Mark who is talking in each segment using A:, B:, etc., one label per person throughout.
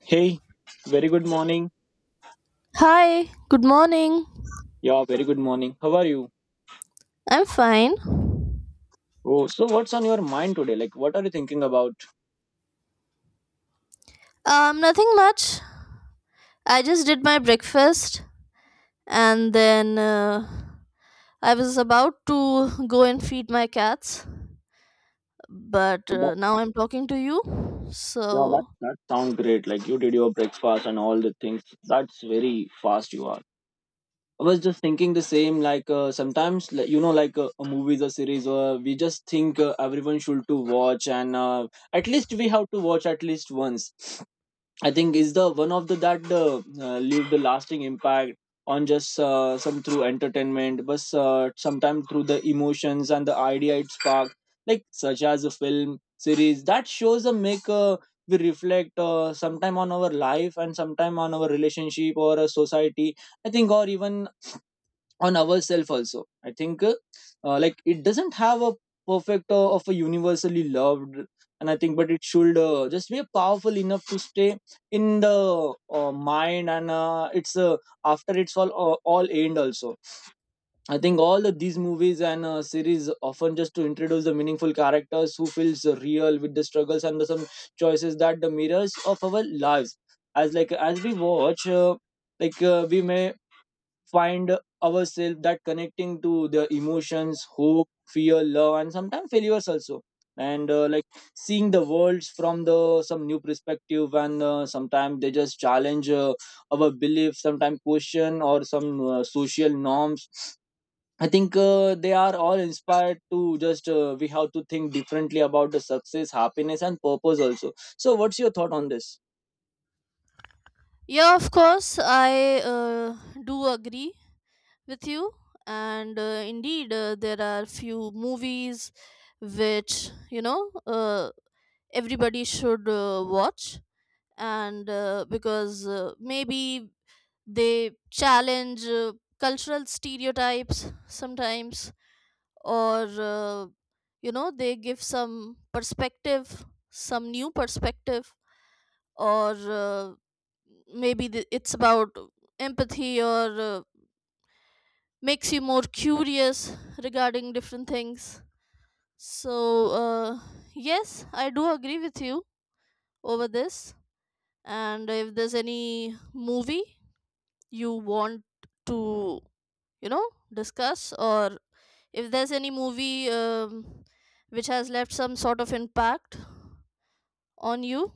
A: Hey, very good morning.
B: Hi, good morning.
A: Yeah, very good morning. How are you?
B: I'm fine.
A: Oh, so what's on your mind today? Like, what are you thinking about?
B: Nothing much. I just did my breakfast and then I was about to go and feed my cats, but
A: That,
B: now I'm talking to you.
A: yeah, that
B: So,
A: that sounds great. Like you did your breakfast and all the things. That's very fast you are. I was just thinking the same. Like sometimes, like, you know, like a movies or series, or we just think everyone should to watch, and at least we have to watch at least once. I think is the one of the that leave the lasting impact on just some through entertainment, but sometimes through the emotions and the idea it spark, like such as a film series that shows a make we reflect sometime on our life and sometime on our relationship or a society. I think, or even on ourselves also. I think like it doesn't have a perfect of a universally loved, and I think but it should just be powerful enough to stay in the mind, and it's after it's all end also. I think all of these movies and series often just to introduce the meaningful characters who feels real with the struggles and the some choices that the mirrors of our lives as like as we watch, we may find ourselves that connecting to the emotions, hope, fear, love, and sometimes failures also. And like seeing the worlds from the some new perspective, and sometimes they just challenge our beliefs, sometimes question or some social norms. I think they are all inspired to just we have to think differently about the success, happiness, and purpose also. So what's your thought on this?
B: yeah, of course, I do agree with you, and indeed, there are few movies which everybody should watch and because maybe they challenge cultural stereotypes sometimes or you know, they give some perspective, some new perspective, or maybe it's about empathy or makes you more curious regarding different things. So yes, I do agree with you over this. And if there's any movie you want to, you know, discuss, or if there's any movie which has left some sort of impact on you,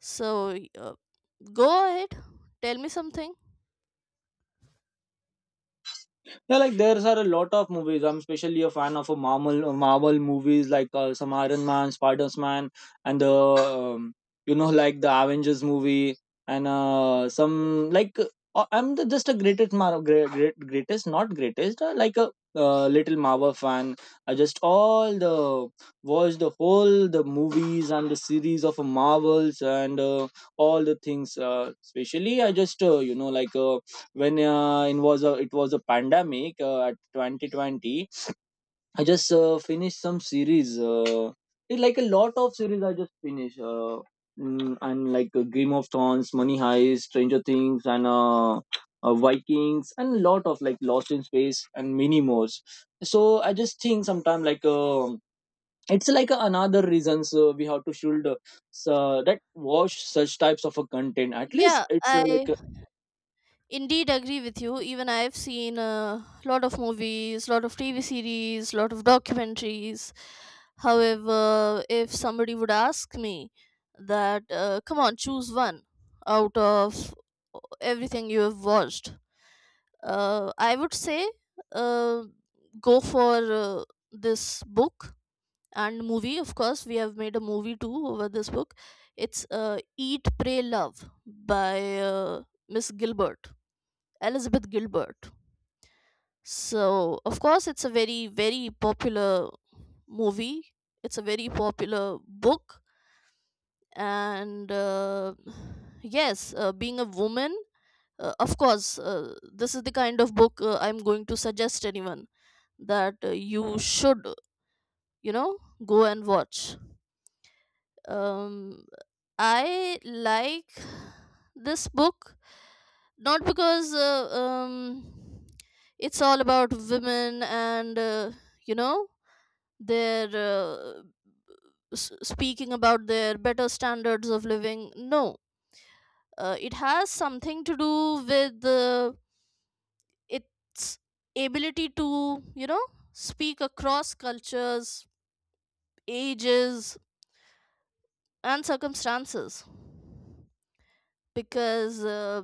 B: so go ahead, tell me something.
A: Yeah, like there are a lot of movies. I'm especially a fan of a Marvel, Marvel movies, like some Iron Man, Spider Man, and the you know, like the Avengers movie, and some like I'm the, just a greatest Mar- great, great greatest not greatest like a little Marvel fan. I just all the watch the whole the movies and the series of Marvels, and all the things. Especially I just you know, like. When it was a pandemic at 2020, I just finished some series, like a lot of series I just finished, and like Game of Thrones, Money Heist, Stranger Things, and Vikings, and lot of like Lost in Space, and many more. So I just think sometimes, like it's like another reasons we have to should so that watch such types of a content at least
B: Yeah
A: it's
B: I
A: like
B: Indeed, agree with you. Even I've seen a lot of movies, lot of TV series, lot of documentaries. However, if somebody would ask me that, come on, choose one out of everything you have watched, I would say uh, go for this book and movie. Of course, we have made a movie too over this book. It's Eat, Pray, Love by Miss Gilbert. Elizabeth Gilbert. So, of course, it's a very, very popular movie. It's a very popular book. And yes, being a woman, of course, this is the kind of book I'm going to suggest anyone that you should, you know, go and watch. um I like this book, not because it's all about women and, you know, their speaking about their better standards of living. No, it has something to do with its ability to, you know, speak across cultures, ages, and circumstances. Because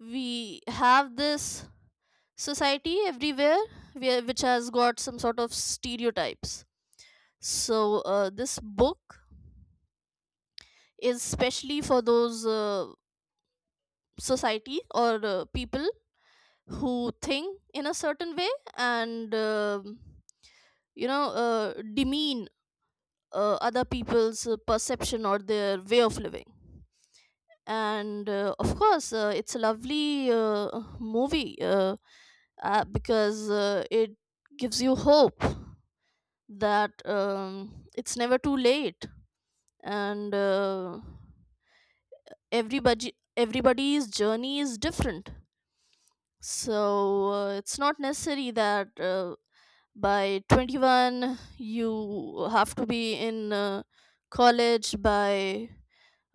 B: we have this society everywhere, which has got some sort of stereotypes. So this book is specially for those society or people who think in a certain way, and you know, demean other people's perception or their way of living. And of course, it's a lovely movie, because it gives you hope that it's never too late. And everybody, everybody's journey is different. So it's not necessary that by 21 you have to be in college, by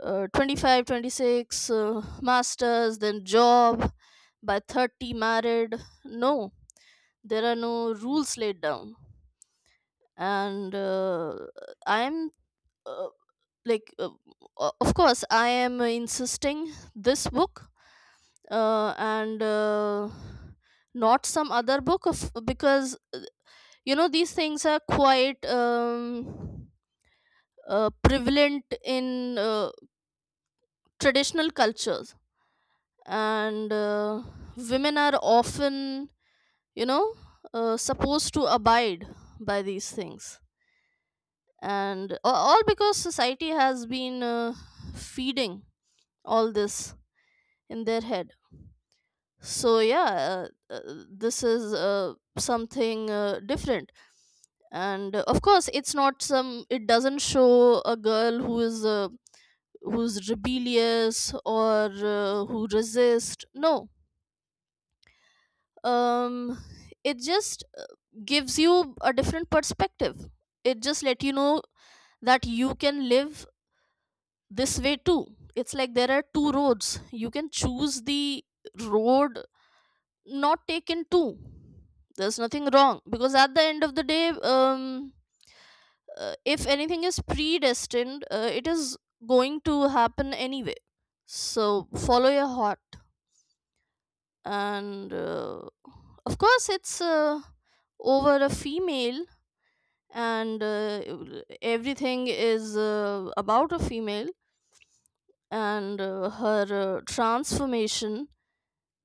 B: 25 26 masters, then job, by 30 married. No, there are no rules laid down. And I'm uh, like uh, of course, I am insisting this book, and not some other book. Of because, you know, these things are quite prevalent in traditional cultures. And women are often, you know, supposed to abide by these things. And all because society has been feeding all this in their head. So yeah, this is something different. And of course, it's not some it doesn't show a girl who is who's rebellious, or who resist. No, um it just gives you a different perspective. It just let you know that you can live this way too. It's like there are two roads, you can choose the road not taken too. There's nothing wrong, because at the end of the day, if anything is predestined, it is going to happen anyway. So follow your heart. And of course, it's over a female, and everything is about a female, and her transformation,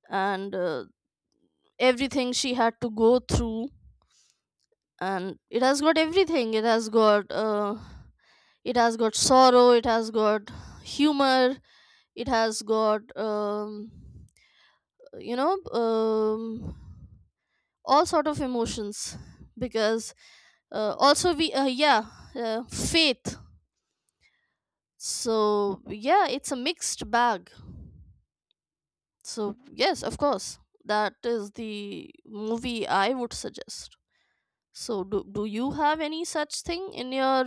B: and everything she had to go through. And it has got everything. It has got it has got sorrow, it has got humor, it has got you know, all sort of emotions. Because also we yeah, faith. So yeah, it's a mixed bag. So yes, of course, that is the movie I would suggest. So do you have any such thing in your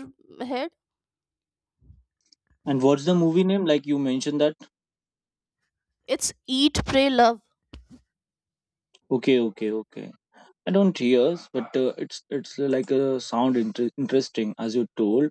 B: head?
A: and what's the movie name like you mentioned that?
B: It's Eat, Pray, Love.
A: Okay, okay, okay. I don't hear, but it's like a sound interesting as you told.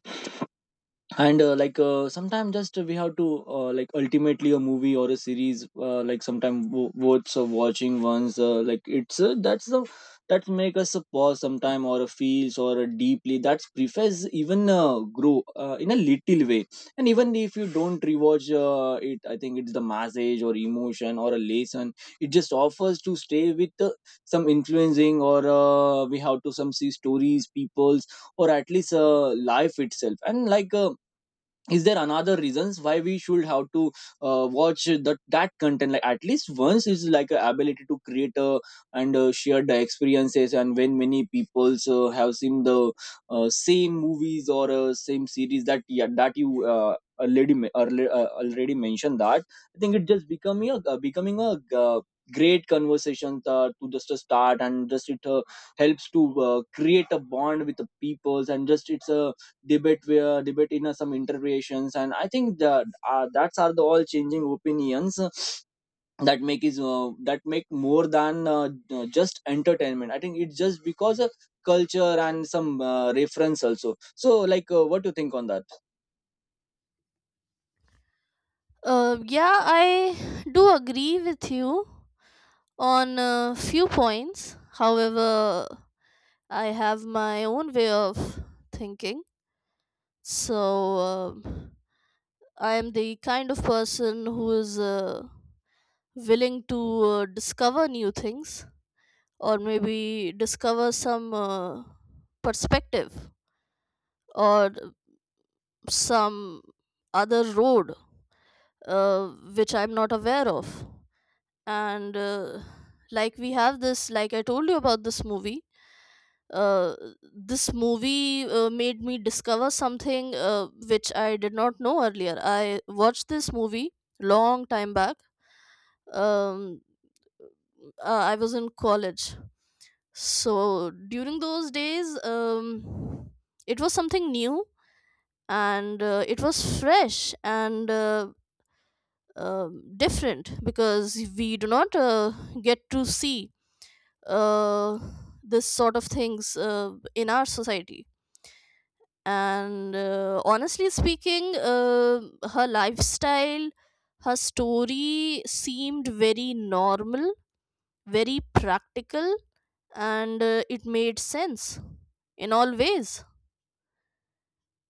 A: And sometimes just we have to, like ultimately a movie or a series, like sometimes worth of watching once, like it's that's the that make us a pause sometime or a feels or a deeply that's preface even grow in a little way. And even if you don't rewatch it, I think it's the message or emotion or a lesson it just offers to stay with, some influencing or we have to some see stories peoples or at least life itself. And like is there another reasons why we should have to watch that content like at least once is like a ability to create a, and share the experiences. And when many people have seen the same movies or same series that, yeah, that you already mentioned that, I think it just becoming a uh, great conversation to just a start. And just it helps to create a bond with the peoples. And just it's a debate where debate in some interpretations. And I think that that's are the all changing opinions that make more than just entertainment. I think it's just because of culture and some reference also. So like what do you think on that?
B: Yeah, I do agree with you on a few points. However, I have my own way of thinking. So I am the kind of person who is willing to discover new things, or maybe discover some perspective, or some other road uh, which I'm not aware of. And like we have this, like I told you about this movie. Uh, this movie made me discover something which I did not know earlier. I watched this movie long time back. Um, I was in college, so during those days, it was something new, and it was fresh and different, because we do not get to see uh, this sort of things in our society. And honestly speaking, her lifestyle, her story seemed very normal, very practical, and it made sense in all ways.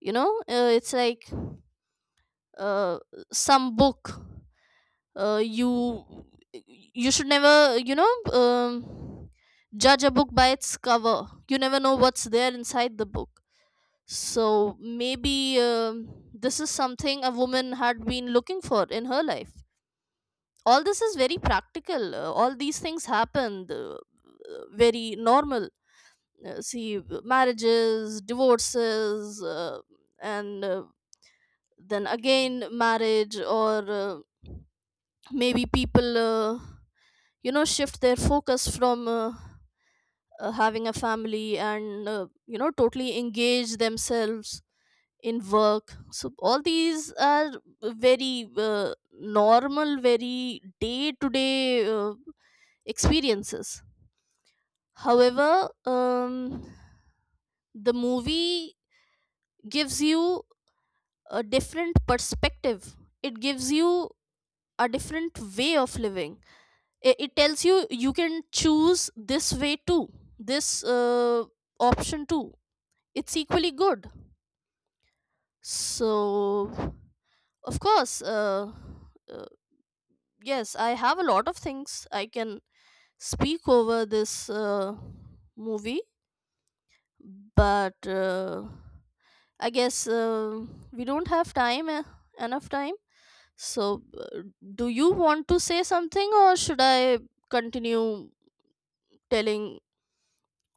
B: You know, it's like uh, some book, uh, you you should never, you know, um, judge a book by its cover. You never know what's there inside the book. So maybe this is something a woman had been looking for in her life. All this is very practical, all these things happened, very normal, see marriages, divorces, and then again marriage, or uh, maybe people, you know, shift their focus from having a family, and you know, totally engage themselves in work. So all these are very normal, very day to day experiences. However, the movie gives you a different perspective. It gives you a different way of living. It tells you you can choose this way too, this uh, option too. It's equally good. So of course, uh, yes, I have a lot of things I can speak over this movie, but I guess we don't have time, enough time. So uh, do you want to say something, or should I continue telling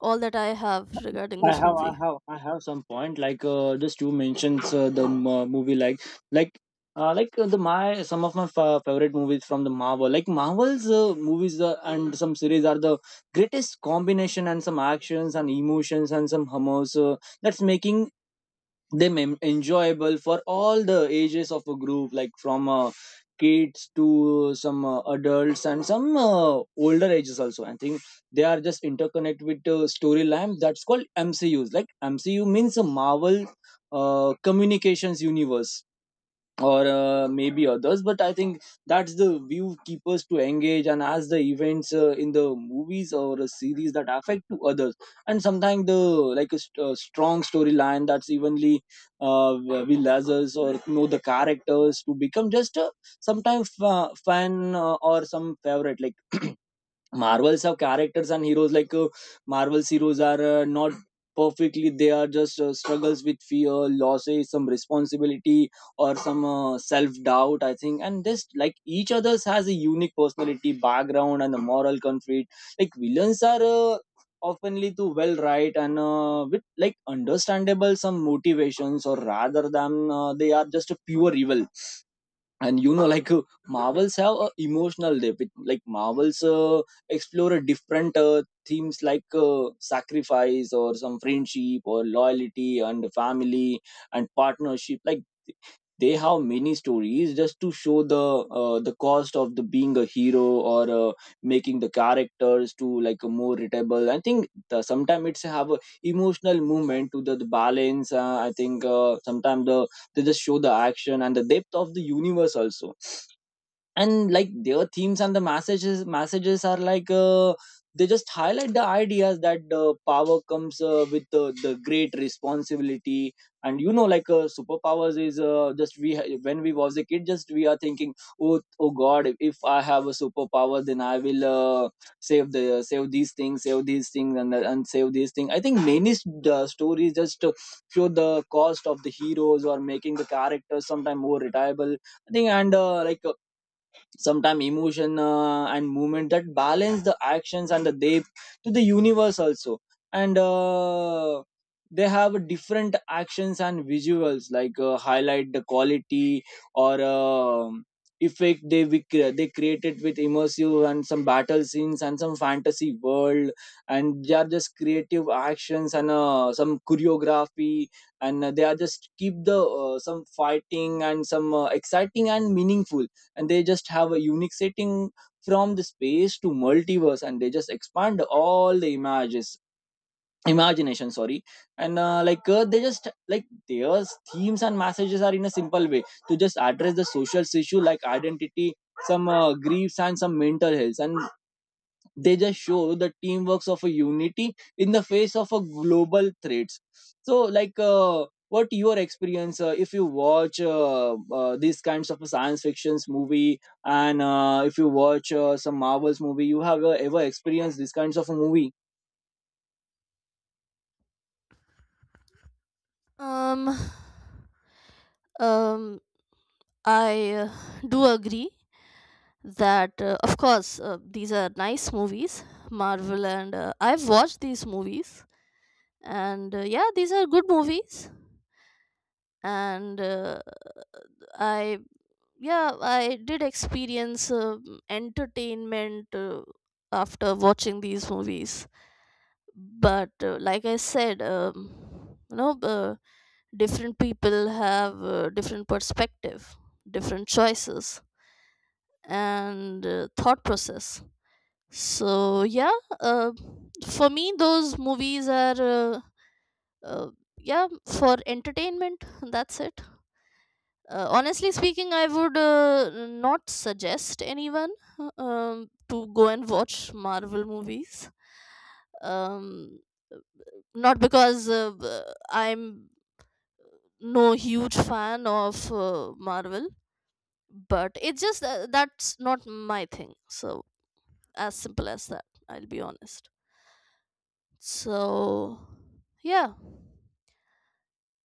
B: all that I have regarding
A: I
B: this
A: have, I
B: movie?
A: have, I have some point. Like just you mentioned movie, like, the my some of my favorite movies from the Marvel, like Marvel's movies and some series are the greatest combination and some actions and emotions and some humors, that's making them enjoyable for all the ages of a group like from kids to some adults and some older ages also. I think they are just interconnected with storylines that's called MCUs, like MCU means a Marvel Communications Universe or maybe others. But I think that's the view keepers to engage, and as the events in the movies or a series that affect to others. And sometimes the like a, a strong storyline that's evenly uh, will others or know the characters to become just a sometimes fan or some favorite, like Marvels have characters and heroes like Marvel's heroes are not perfectly, they are just struggles with fear, losses, some responsibility or some self doubt. I think, and just like each others has a unique personality, background, and a moral conflict. Like villains are oftenly too well right, and with like understandable some motivations or rather than they are just a pure evil. And you know like Marvels have a emotional depth. Like Marvels explore a different themes like sacrifice or some friendship or loyalty and family and partnership. Like they have many stories just to show the cost of the being a hero, or making the characters to like a more readable. I think sometimes it's have a emotional movement to the balance. I think sometimes the they just show the action and the depth of the universe also. And like their themes and the messages are like, they just highlight the ideas that power comes with the great responsibility. And you know, like superpowers is, just when we was a kid, just we are thinking, oh, oh god, if I have a superpower, then I will save the save these things and save these things. I think many stories just show the cost of the heroes or making the characters sometimes more reliable, I think. And sometime emotion and movement that balance the actions and the depth to the universe also. And they have different actions and visuals like highlight the quality or effect they they created with immersive and some battle scenes and some fantasy world. And they are just creative actions and some choreography. And they are just keep the some fighting and some exciting and meaningful. And they just have a unique setting from the space to multiverse, and they just expand all the images imagination, sorry. And they just like their themes and messages are in a simple way to just address the social issue like identity, some griefs, and some mental health. And they just show the teamworks of a unity in the face of a global threats. So like what your experience if you watch these kinds of science fictions movie? And if you watch some Marvels movie, you have ever experienced these kinds of a movie?
B: Um, um, I do agree that, of course, these are nice movies, Marvel, and I've watched these movies, and yeah, these are good movies, and I yeah, I did experience entertainment after watching these movies, but like I said, you know. Different people have different perspective, different choices, and thought process. So yeah, uh, for me those movies are, uh, yeah, for entertainment. That's it. Honestly speaking, I would not suggest anyone to go and watch Marvel movies. um, Not because I'm no huge fan of Marvel, but it's just that's not my thing. So as simple as that, I'll be honest. So yeah.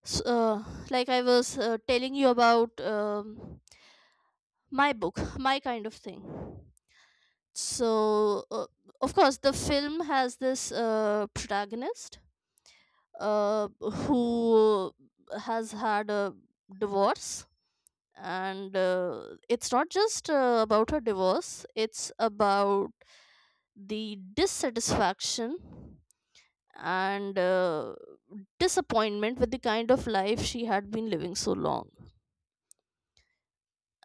B: So, like I was telling you about my book, my kind of thing. So of course, the film has this protagonist, uh, who has had a divorce. And it's not just about her divorce, it's about the dissatisfaction and disappointment with the kind of life she had been living so long.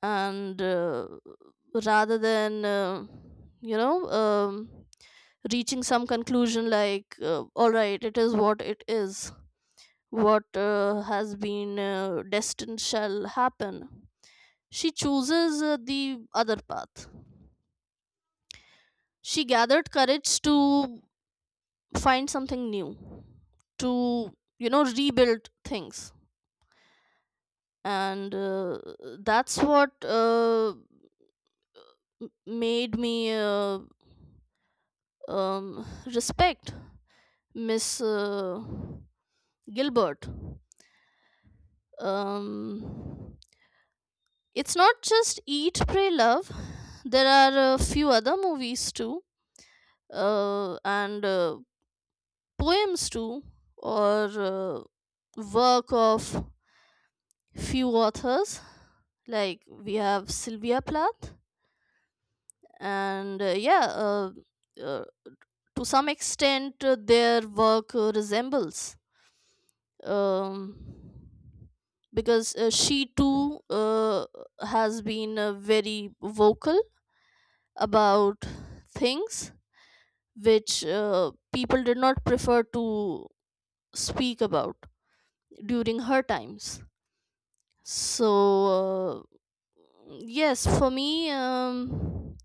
B: And rather than, you know, reaching some conclusion like, all right, it is what it is, what has been destined shall happen. She chooses the other path. She gathered courage to find something new, to, you know, rebuild things. And that's what made me um, respect Miss Gilbert. um, it's not just Eat Pray Love, there are a few other movies too, and poems too, or uh, work of few authors, like we have Sylvia Plath. And yeah, uh, to some extent their work resembles. um, because she too has been very vocal about things which people did not prefer to speak about during her times. So uh, yes, for me,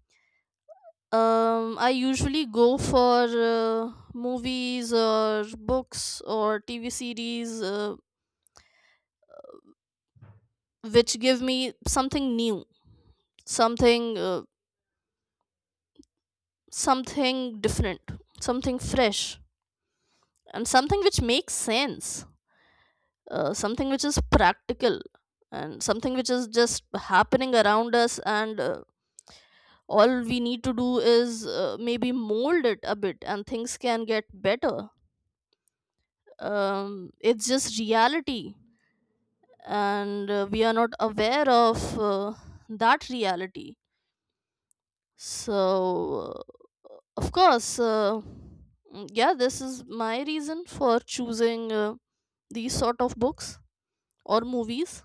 B: I usually go for movies or books or TV series which give me something new, something something different, something fresh, and something which makes sense, something which is practical, and something which is just happening around us and all we need to do is maybe mold it a bit, and things can get better. It's just reality, and we are not aware of that reality. So of course, yeah, this is my reason for choosing these sort of books or movies.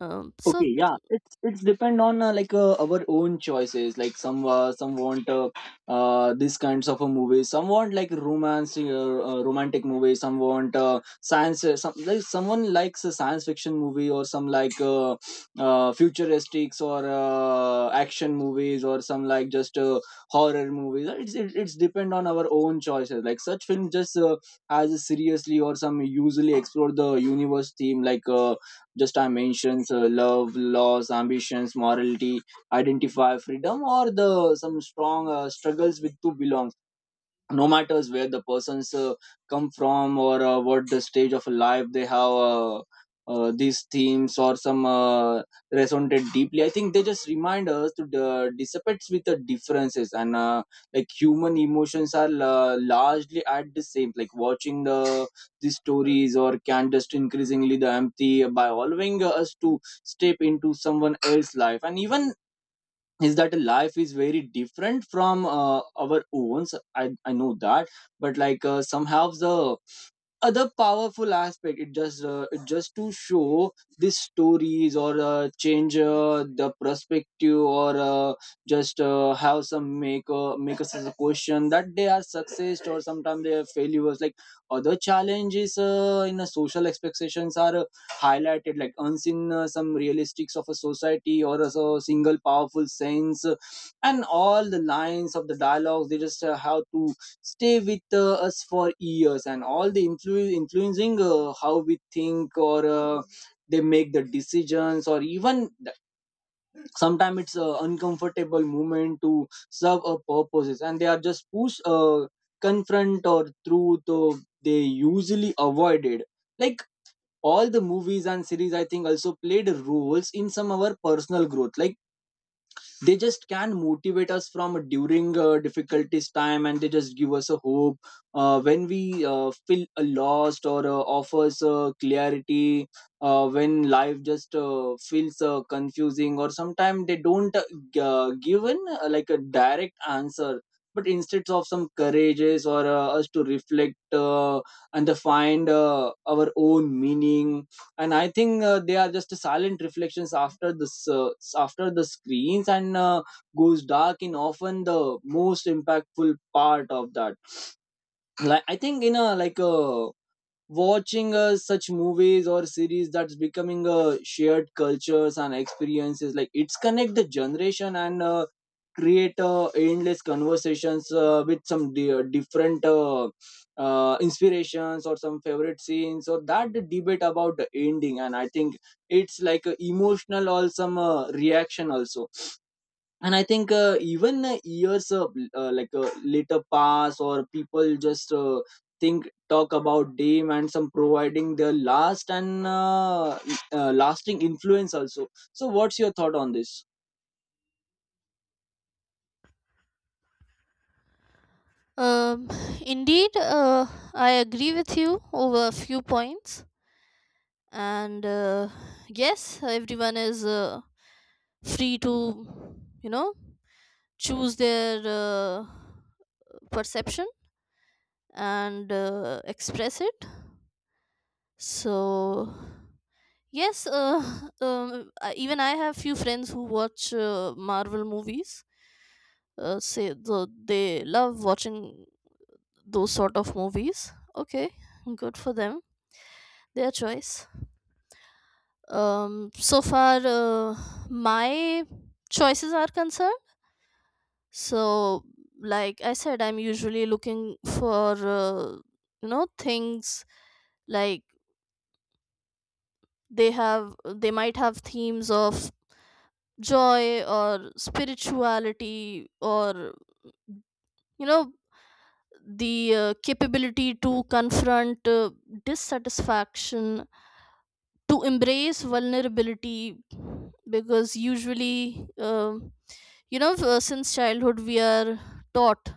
A: Okay,
B: So
A: yeah, it's depend on our own choices, like some want these kinds of a movie, some want like romance, romantic movie, some want science, some like someone likes a science fiction movie, or some like futuristics or action movies, or some like just horror movies. It's depend on our own choices. Like such film just as seriously or some usually explore the universe theme, like just dimensions, love, loss, ambitions, morality, identify, freedom, or the some strong struggles with to belong, no matters where the persons come from or what the stage of life they have. Uh, these themes or some resonated deeply. I think they just remind us to dissipate with the differences. And like human emotions are largely at the same. Like watching the these stories or can just increasingly the empty by Allowing us to step into someone else's life and even is that life is very different from our own. So I know that, but somehow the other powerful aspect, it just to show these stories or change the perspective, or just have some make us as a question that they are success or sometimes they are failures, like other challenges in a social expectations are highlighted, like unseen some realistics of a society or as a so single powerful sense. And all the lines of the dialogues, they just have to stay with us for years, and all the influencing how we think, or they make the decisions, or even sometimes it's an uncomfortable moment to serve a purposes, and they are just push confront or truth or they usually avoided. Like, all the movies and series, I think, also played roles in some of our personal growth. Like, they just can motivate us from during difficulties time, and they just give us a hope when we feel lost, or offers clarity when life just feels confusing. Or sometimes they don't give an like a direct answer, but instead of some courages or us to reflect and to find our own meaning. And I think they are just silent reflections after this after the screens, and goes dark in often the most impactful part of that. Like i think in a like a watching such movies or series, that's becoming shared cultures and experiences. Like, it's connect the generation and create endless conversations with some different inspirations, or some favorite scenes, or that the debate about the ending. And I think it's like a emotional or some reaction also. And I think even years later pass, or people just think, talk about dame and some providing their last, and lasting influence also. So what's your thought on this?
B: um, indeed, I agree with you over a few points. And yes, everyone is free to, you know, choose their perception and express it. So yes, even I have few friends who watch Marvel movies, say they love watching those sort of movies. Okay, good for them, their choice. So far my choices are concerned, so like I said, I'm usually looking for, you know, things like they have, they might have themes of joy or spirituality, or you know, the capability to confront dissatisfaction, to embrace vulnerability. Because usually, you know, since childhood we are taught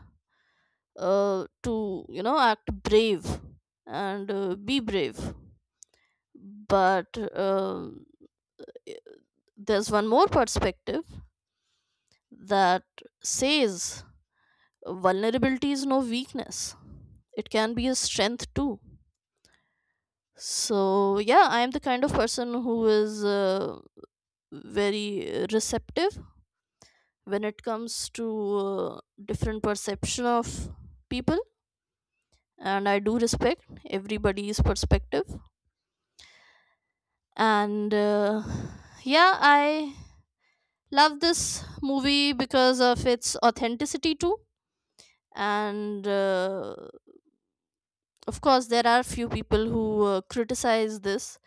B: to, you know, act brave, and be brave. But uh, there's one more perspective that says vulnerability is no weakness, it can be a strength too. So, yeah, I am the kind of person who is very receptive when it comes to different perception of people. And I do respect everybody's perspective. And yeah, I love this movie because of its authenticity too. And of course, there are few people who criticize this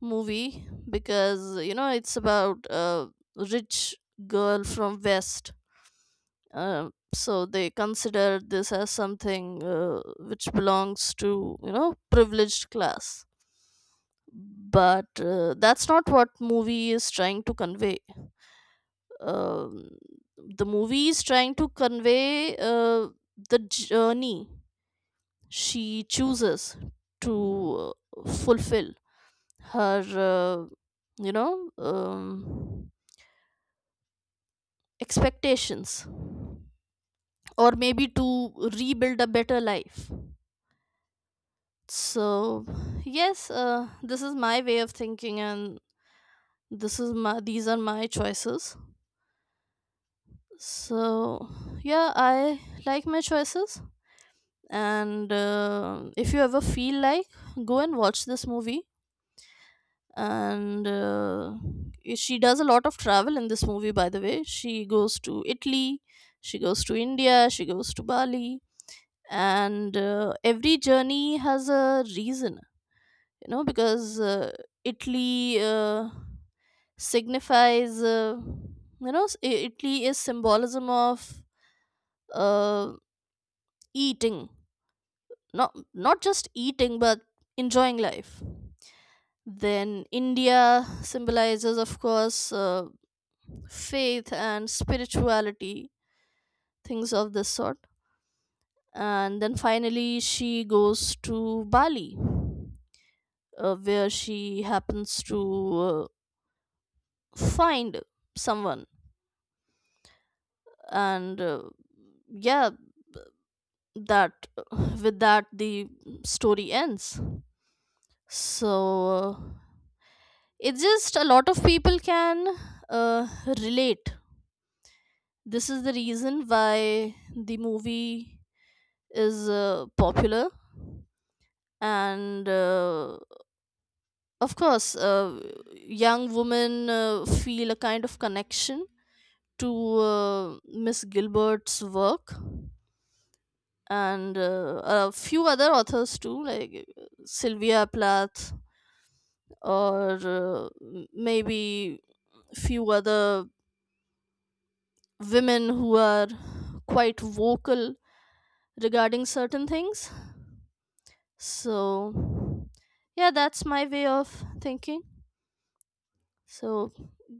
B: movie because, you know, it's about a rich girl from West. So they consider this as something which belongs to, you know, privileged class. But that's not what movie is trying to convey. um, the movie is trying to convey the journey she chooses to fulfill her, you know, expectations, or maybe to rebuild a better life. So yes, this is my way of thinking, and this is my these are my choices. So yeah, I like my choices. And if you ever feel like, go and watch this movie. And she does a lot of travel in this movie, by the way. She goes to Italy, she goes to India, she goes to Bali. And every journey has a reason, you know, because Italy signifies, Italy is symbolism of uh, eating, not just eating, but enjoying life. Then India symbolizes, of course, faith and spirituality, things of this sort. And then finally, she goes to Bali, where she happens to find someone. And yeah, that with that, the story ends. So it's just a lot of people can relate. This is the reason why the movie is popular. And of course, young women feel a kind of connection to Miss Gilbert's work, and a few other authors too, like Sylvia Plath, or maybe few other women who are quite vocal regarding certain things. So, yeah, that's my way of thinking. So,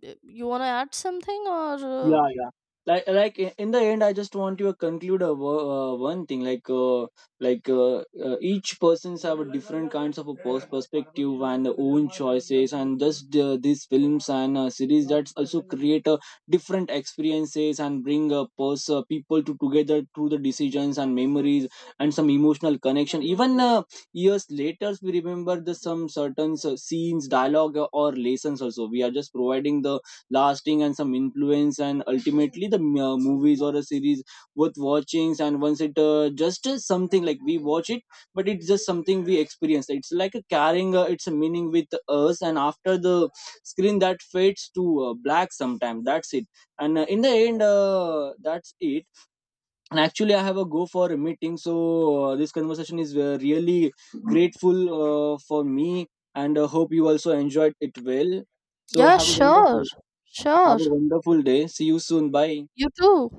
B: you want to add something or?
A: Yeah, yeah, in the end I just want to conclude one thing. Like uh, each persons have a different kinds of a perspective and their own choices, and thus these films and series that also create a different experiences and bring people to together through the decisions and memories and some emotional connection. Even years later, we remember the some certain scenes, dialogue, or lessons. Also, we are just providing the lasting and some influence. And ultimately, the movies or a series worth watching. And once it just something like we watch it, but it's just something we experience. It's like a carrying its a meaning with us, and after the screen that fades to black sometime, that's it. And in the end, that's it. And actually, I have a go for a meeting, so this conversation is really grateful for me, and hope you also enjoyed it well. So
B: Yeah,
A: have a
B: sure.
A: wonderful, have
B: Sure.
A: a wonderful day. See you soon. Bye.
B: You too.